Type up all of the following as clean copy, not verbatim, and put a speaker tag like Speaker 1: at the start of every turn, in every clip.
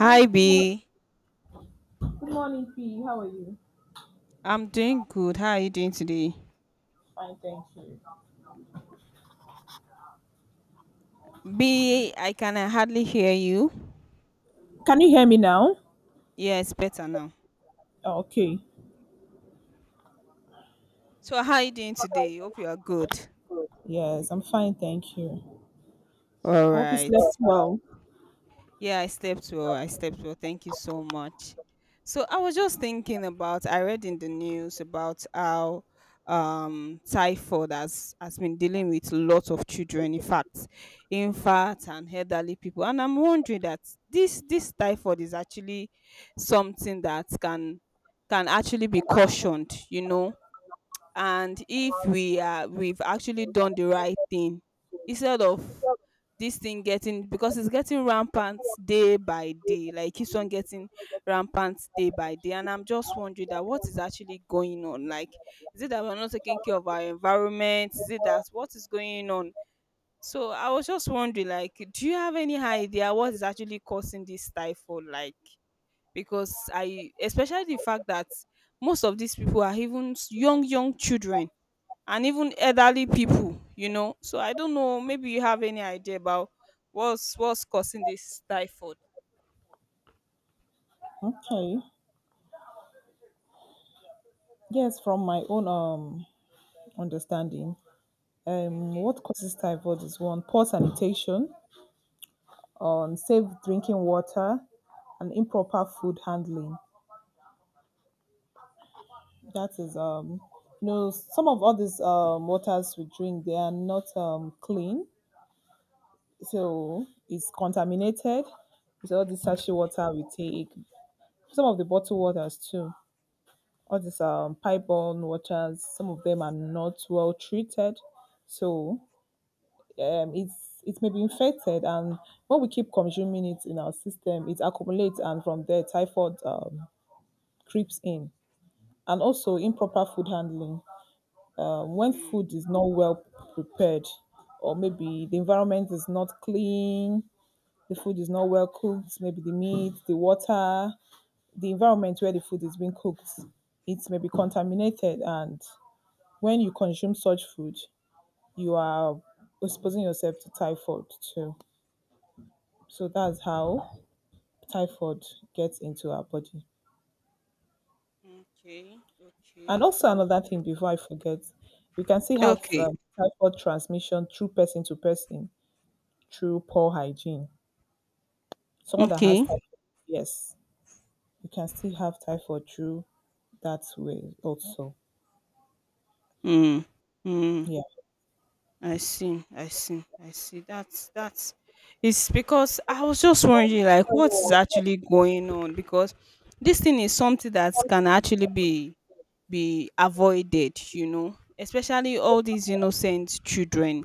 Speaker 1: Hi, good morning.
Speaker 2: B,
Speaker 1: Good morning, P. How are you?
Speaker 2: I'm doing good. How are you doing today?
Speaker 1: Fine, thank you.
Speaker 2: B, I can hardly hear you.
Speaker 1: Can you hear me now?
Speaker 2: Yes, better now.
Speaker 1: Oh, okay.
Speaker 2: So how are you doing today? Hope you are good.
Speaker 1: Yes, I'm fine, thank you.
Speaker 2: All
Speaker 1: I hope you
Speaker 2: right.
Speaker 1: slept well.
Speaker 2: Yeah, I slept well. I slept well. Thank you so much. So I was just thinking about I read in the news about how typhoid has been dealing with lots of children, in fact infants and elderly people, and I'm wondering that this typhoid is actually something that can actually be cautioned, you know, and if we've actually done the right thing instead of this thing getting, because it's getting rampant day by day, like it keeps on getting rampant day by day, and I'm just wondering that what is actually going on, like is it that we're not taking care of our environment, is it that what is going on? So I was just wondering, like do you have any idea what is actually causing this typhoid? Like because I especially the fact that most of these people are even young young children and even elderly people, you know. So I don't know, maybe you have any idea about what's causing this typhoid.
Speaker 1: Okay. Yes, from my own understanding,
Speaker 2: Okay.
Speaker 1: what causes typhoid is one, poor sanitation, on safe drinking water, and improper food handling. That is, you know, some of all these waters we drink, they are not clean. So it's contaminated with all this sachet water we take. Some of the bottled waters too. All these pipe-borne waters, some of them are not well treated. So it may be infected, and when we keep consuming it in our system, it accumulates, and from there, typhoid, creeps in. And also improper food handling. When food is not well prepared, or maybe the environment is not clean, the food is not well cooked, maybe the meat, the water, the environment where the food is being cooked, its maybe contaminated. And when you consume such food, you are exposing yourself to typhoid too. So that's how typhoid gets into our body.
Speaker 2: Okay. Okay.
Speaker 1: And also another thing before I forget, we can still have
Speaker 2: Okay.
Speaker 1: typhoid transmission through person to person, through poor hygiene. Someone that has
Speaker 2: Okay.
Speaker 1: typhoid, yes, you can still have typhoid through that way also.
Speaker 2: Mm. Mm.
Speaker 1: Yeah.
Speaker 2: I see, I see, I see. That's it's because I was just wondering, like what's actually going on, because this thing is something that can actually be avoided, you know, especially all these innocent children.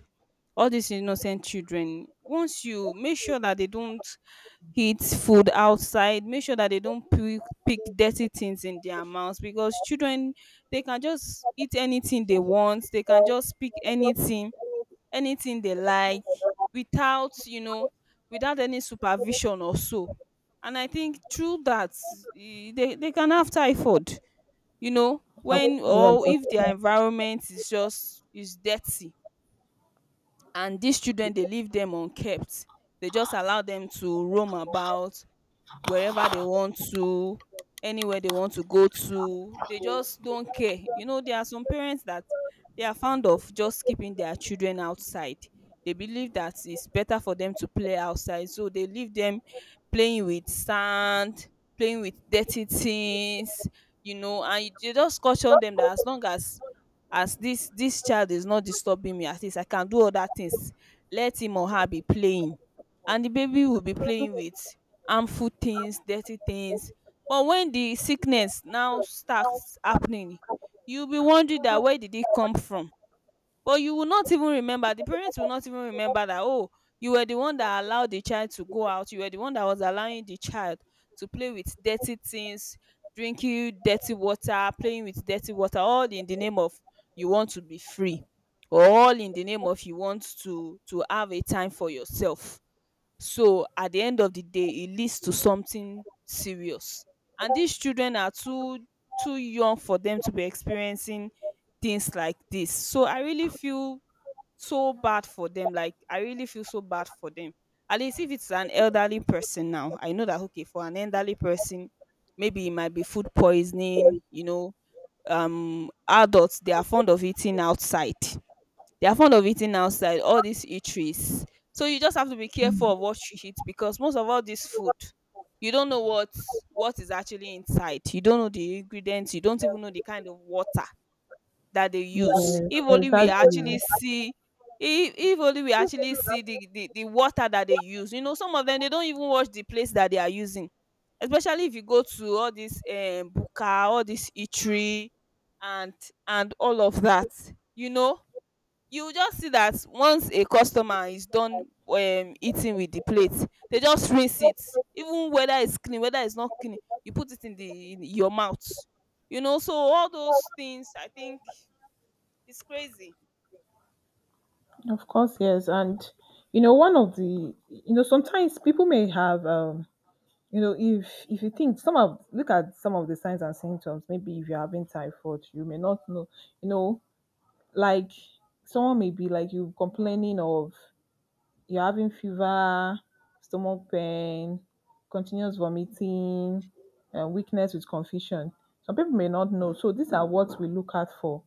Speaker 2: All these innocent children, once you make sure that they don't eat food outside, make sure that they don't pick dirty things in their mouths, because children, they can just eat anything they want, they can just pick anything, anything they like without, you know, without any supervision or so. And I think through that, they can have typhoid, you know,
Speaker 1: Of,
Speaker 2: when
Speaker 1: yes,
Speaker 2: or
Speaker 1: of,
Speaker 2: if their
Speaker 1: course.
Speaker 2: environment is just is dirty. And these children, they leave them unkept, they just allow them to roam about wherever they want to, anywhere they want to go to. They just don't care. You know, there are some parents that they are fond of just keeping their children outside. They believe that it's better for them to play outside. So they leave them playing with sand, playing with dirty things, you know, and they just caution them that as long as this child is not disturbing me, at least I can do other things. Let him or her be playing. And the baby will be playing with harmful things, dirty things, but when the sickness now starts happening, you'll be wondering that where did it come from, but you will not even remember, the parents will not even remember that, oh, you were the one that allowed the child to go out, you were the one that was allowing the child to play with dirty things, drinking dirty water, playing with dirty water, all in the name of you want to be free, or all in the name of you want to have a time for yourself. So at the end of the day, it leads to something serious. And these children are too young for them to be experiencing things like this. So I really feel so bad for them. Like I really feel so bad for them. At least if it's an elderly person now, I know that, okay, for an elderly person, maybe it might be food poisoning, you know. Adults, they are fond of eating outside. They are fond of eating outside, all these eateries. So you just have to be careful of what you eat, because most of all this food, you don't know what is actually inside. You don't know the ingredients. You don't even know the kind of water that they use.
Speaker 1: Yeah,
Speaker 2: If only we actually see if only we actually see the water that they use. You know, some of them they don't even watch the place that they are using. Especially if you go to all this buka, all this eatery, and and all of that. You know, you just see that once a customer is done eating with the plate, they just rinse it, even whether it's clean, whether it's not clean, you put it in the in your mouth, you know. So all those things, I think it's crazy.
Speaker 1: of course, yes. And you know, one of the, you know, sometimes people may have, you know, if you think some of, look at some of the signs and symptoms, maybe if you're having typhoid, you may not know, you know, like someone may be like you, complaining of, you're having fever, stomach pain, continuous vomiting, and weakness with confusion. Some people may not know, so these are what we look out for.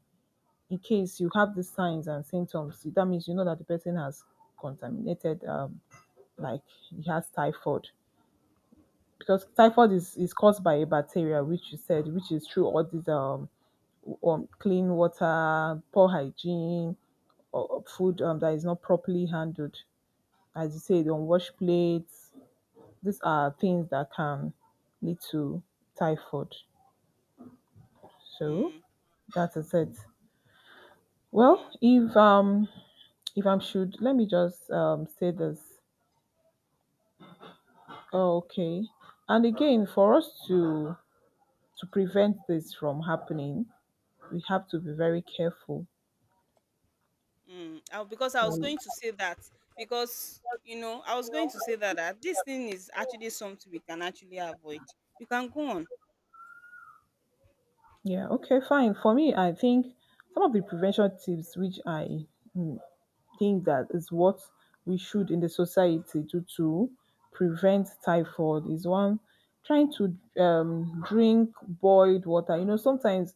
Speaker 1: In case you have the signs and symptoms, that means you know that the person has contaminated, like he has typhoid. Because typhoid is caused by a bacteria, which you said, which is through all these clean water, poor hygiene, or food that is not properly handled. As you said, unwashed plates. These are things that can lead to typhoid. So
Speaker 2: Mm.
Speaker 1: that is it. Well,
Speaker 2: Mm.
Speaker 1: if I'm should let me just say this. Oh, okay. And again, for us to prevent this from happening, we have to be very careful.
Speaker 2: Mm. Because I
Speaker 1: So
Speaker 2: was going to say that, because you know I was going to say that, that this thing is actually something we can actually avoid. You can go on.
Speaker 1: yeah, okay, fine. For me, I think some of the prevention tips which I, mm, think that is what we should in the society do to prevent typhoid is one, trying to, drink boiled water. You know, sometimes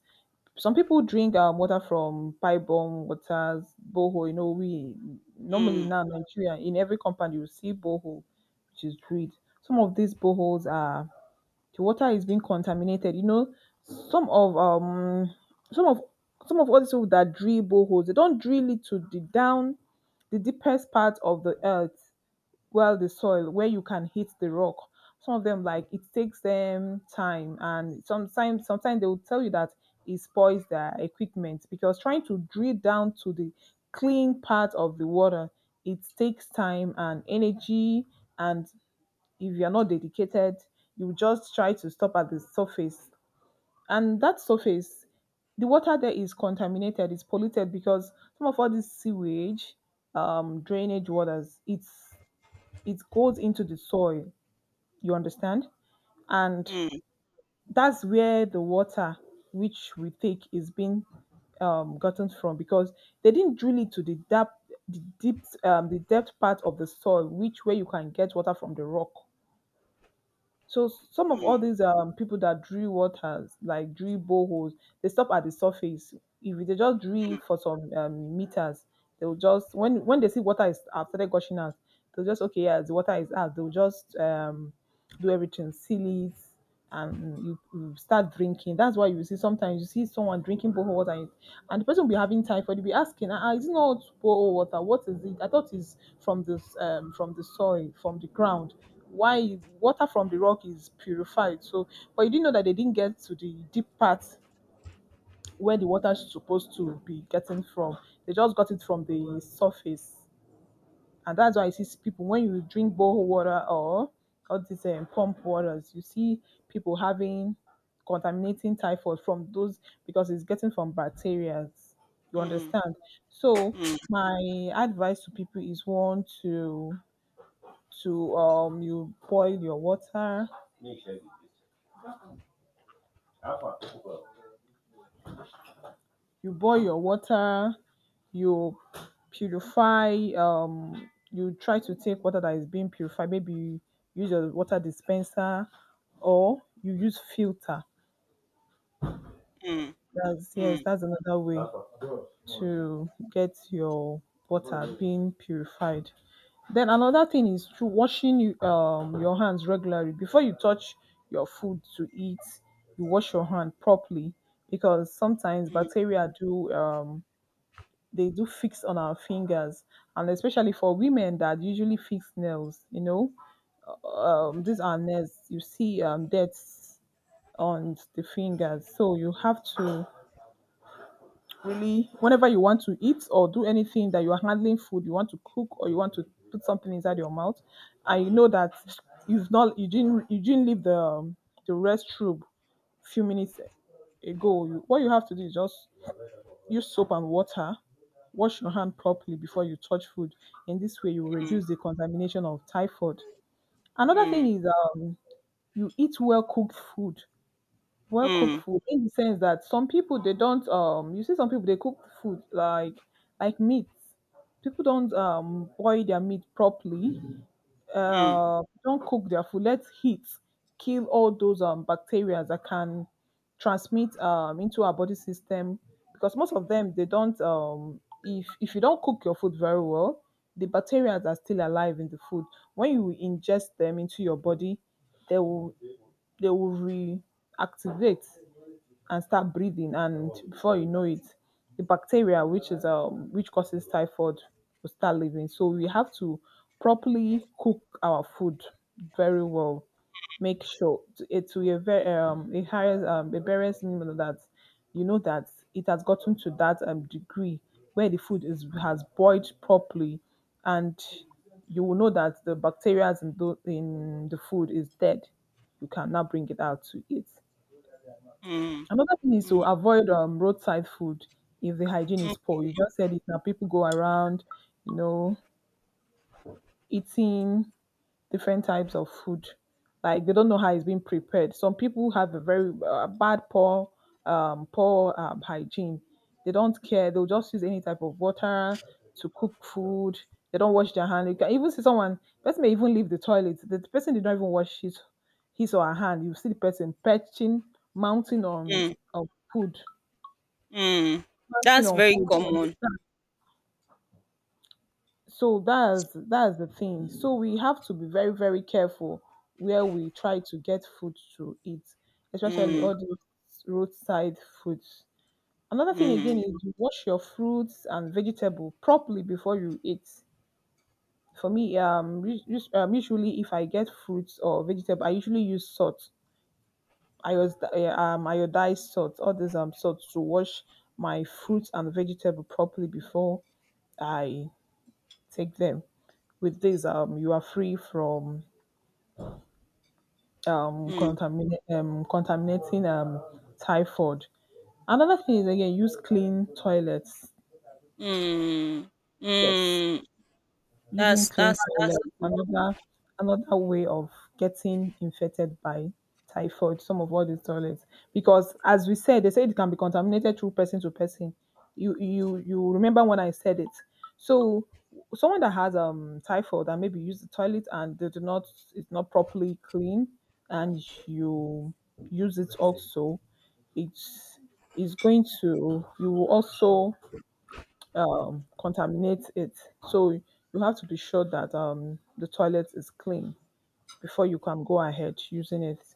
Speaker 1: some people drink, water from pipe bomb waters, boho. You know, we normally
Speaker 2: Mm.
Speaker 1: now in Nigeria, in every compound you will see boho, which is drilled. Some of these boreholes are, the water is being contaminated. You know, some of um some of some of all these people that drill boreholes, they don't drill it to the down, the deepest part of the earth, well the soil where you can hit the rock. Some of them, like, it takes them time, and sometimes they will tell you that it spoils their equipment because trying to drill down to the clean part of the water, it takes time and energy. And if you're not dedicated, you just try to stop at the surface. And that surface, the water there is contaminated, it's polluted because some of all this sewage, drainage waters, it's, it goes into the soil. You understand? And
Speaker 2: Mm.
Speaker 1: that's where the water which we take is being, gotten from, because they didn't drill it to the depth, the deep the depth part of the soil, which where you can get water from the rock. So some of all
Speaker 2: Mm.
Speaker 1: these people that drill waters, like drill boreholes, they stop at the surface. If they just drill for some, meters, they'll just, when they see water is have started gushing out, they'll just, okay, yeah, the water is out. They'll just do everything, seal it, and you start drinking. That's why you see sometimes, you see someone drinking borehole water, and the person will be having typhoid. They'll be asking, "Ah, ah, is it not borehole water? What is it? I thought it's from this from the soil, from the ground. Why water from the rock is purified? So, but you didn't know that they didn't get to the deep part where the water is supposed to be getting from. They just got it from the surface." And that's why you see people, when you drink borehole water or all these, pump waters, you see people having, contaminating typhoid from those, because it's getting from bacteria. You
Speaker 2: Mm.
Speaker 1: understand? So
Speaker 2: Mm.
Speaker 1: my advice to people is, one, to you boil your water, you boil your water, you purify, you try to take water that is being purified. Maybe you use your water dispenser or you use filter.
Speaker 2: Mm.
Speaker 1: That's, yes,
Speaker 2: Mm.
Speaker 1: that's another way to get your water being purified. Then another thing is through washing your hands regularly before you touch your food to eat. You wash your hand properly, because sometimes bacteria do they do fix on our fingers, and especially for women that usually fix nails. You know, these are nails, you see deaths on the fingers, so you have to, really, whenever you want to eat or do anything that you are handling food, you want to cook or you want to put something inside your mouth, and you know that you didn't leave the, the restroom few minutes ago. You, what you have to do is just use soap and water, wash your hand properly before you touch food. In this way, you will
Speaker 2: Mm.
Speaker 1: reduce the contamination of typhoid. Another thing
Speaker 2: Mm.
Speaker 1: is, you eat well cooked food, well cooked
Speaker 2: Mm.
Speaker 1: food, in the sense that some people they don't you see, some people they cook food like meat, people don't boil their meat properly,
Speaker 2: Mm.
Speaker 1: don't cook their food. Let heat kill all those, bacteria that can transmit, into our body system. Because most of them, they don't. If you don't cook your food very well, the bacteria are still alive in the food. When you ingest them into your body, they will they will reactivate and start breathing, and before you know it, the bacteria which is which causes typhoid will start living. So we have to properly cook our food very well, make sure to, eh, to a very, a highest, a various minimum that you know that it has gotten to that, degree where the food is, has boiled properly, and you will know that the bacteria in the food is dead, you can now bring it out to eat.
Speaker 2: Mm.
Speaker 1: Another thing is to
Speaker 2: Mm.
Speaker 1: avoid, roadside food if the hygiene
Speaker 2: Mm.
Speaker 1: is poor. You just said it now. People go around, you know, eating different types of food. Like, they don't know how it's being prepared. Some people have a very, bad, poor, hygiene. They don't care. They'll just use any type of water to cook food. They don't wash their hand. You can even see someone. Person may even leave the toilet. The person did not even wash his or her hand. You see the person perching, mounting
Speaker 2: Mm.
Speaker 1: on food,
Speaker 2: Mm.
Speaker 1: planting
Speaker 2: That's
Speaker 1: on
Speaker 2: very
Speaker 1: food. You
Speaker 2: common.
Speaker 1: understand? So that's the thing. So we have to be very, very careful where we try to get food to eat, especially
Speaker 2: Mm.
Speaker 1: all those roadside foods. Another thing again
Speaker 2: Mm.
Speaker 1: is, you wash your fruits and vegetable properly before you eat. For me, usually if I get fruits or vegetable, I usually use salt. I use, iodized salt, all these salt to wash my fruits and vegetable properly before I take them. With this, you are free from,
Speaker 2: Mm.
Speaker 1: contaminating, typhoid. Another thing is, again, use clean toilets.
Speaker 2: Mm.
Speaker 1: Yes.
Speaker 2: Mm.
Speaker 1: Using clean toilet,
Speaker 2: That's a good one.
Speaker 1: another, another way of getting infected by typhoid, some of all these toilets, because as we said, they say it can be contaminated through person to person. You remember when I said it. So someone that has typhoid and maybe use the toilet, and they do not, it's not properly clean, and you use it also, it's, is going to, you will also, contaminate it. So you have to be sure that, the toilet is clean before you can go ahead using it.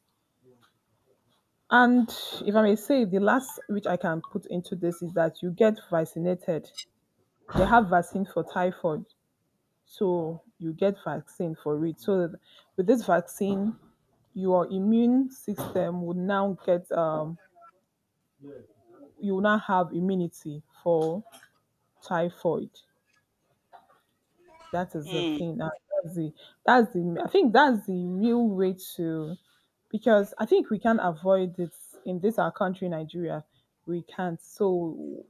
Speaker 1: And if I may say, the last which I can put into this is that you get vaccinated. They have vaccine for typhoid, so you get vaccine for it. So that with this vaccine, your immune system would now get, you will now have immunity for typhoid. That is the
Speaker 2: Mm.
Speaker 1: thing. And That's the, that's the, I think that's the real way to, because I think we can't avoid it in this our country, Nigeria. We can't. So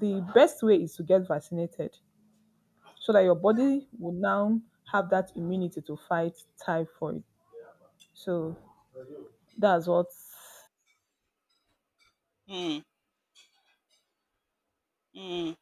Speaker 1: the best way is to get vaccinated so that your body will now have that immunity to fight typhoid. So that's what
Speaker 2: Mm. Mm.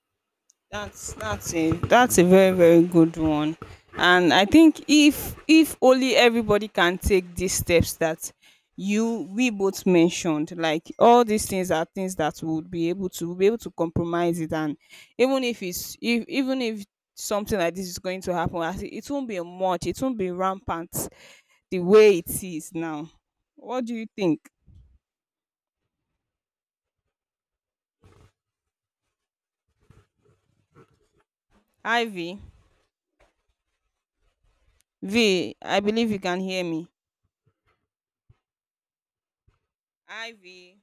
Speaker 2: That's a very very good one, and I think if only everybody can take these steps that you we both mentioned, like all these things are things that would be able to we'll be able to compromise it, and even if it's, if even if something like this is going to happen, as it, it won't be much, it won't be rampant the way it is now. What do you think, Ivy? V, I believe you can hear me. Ivy.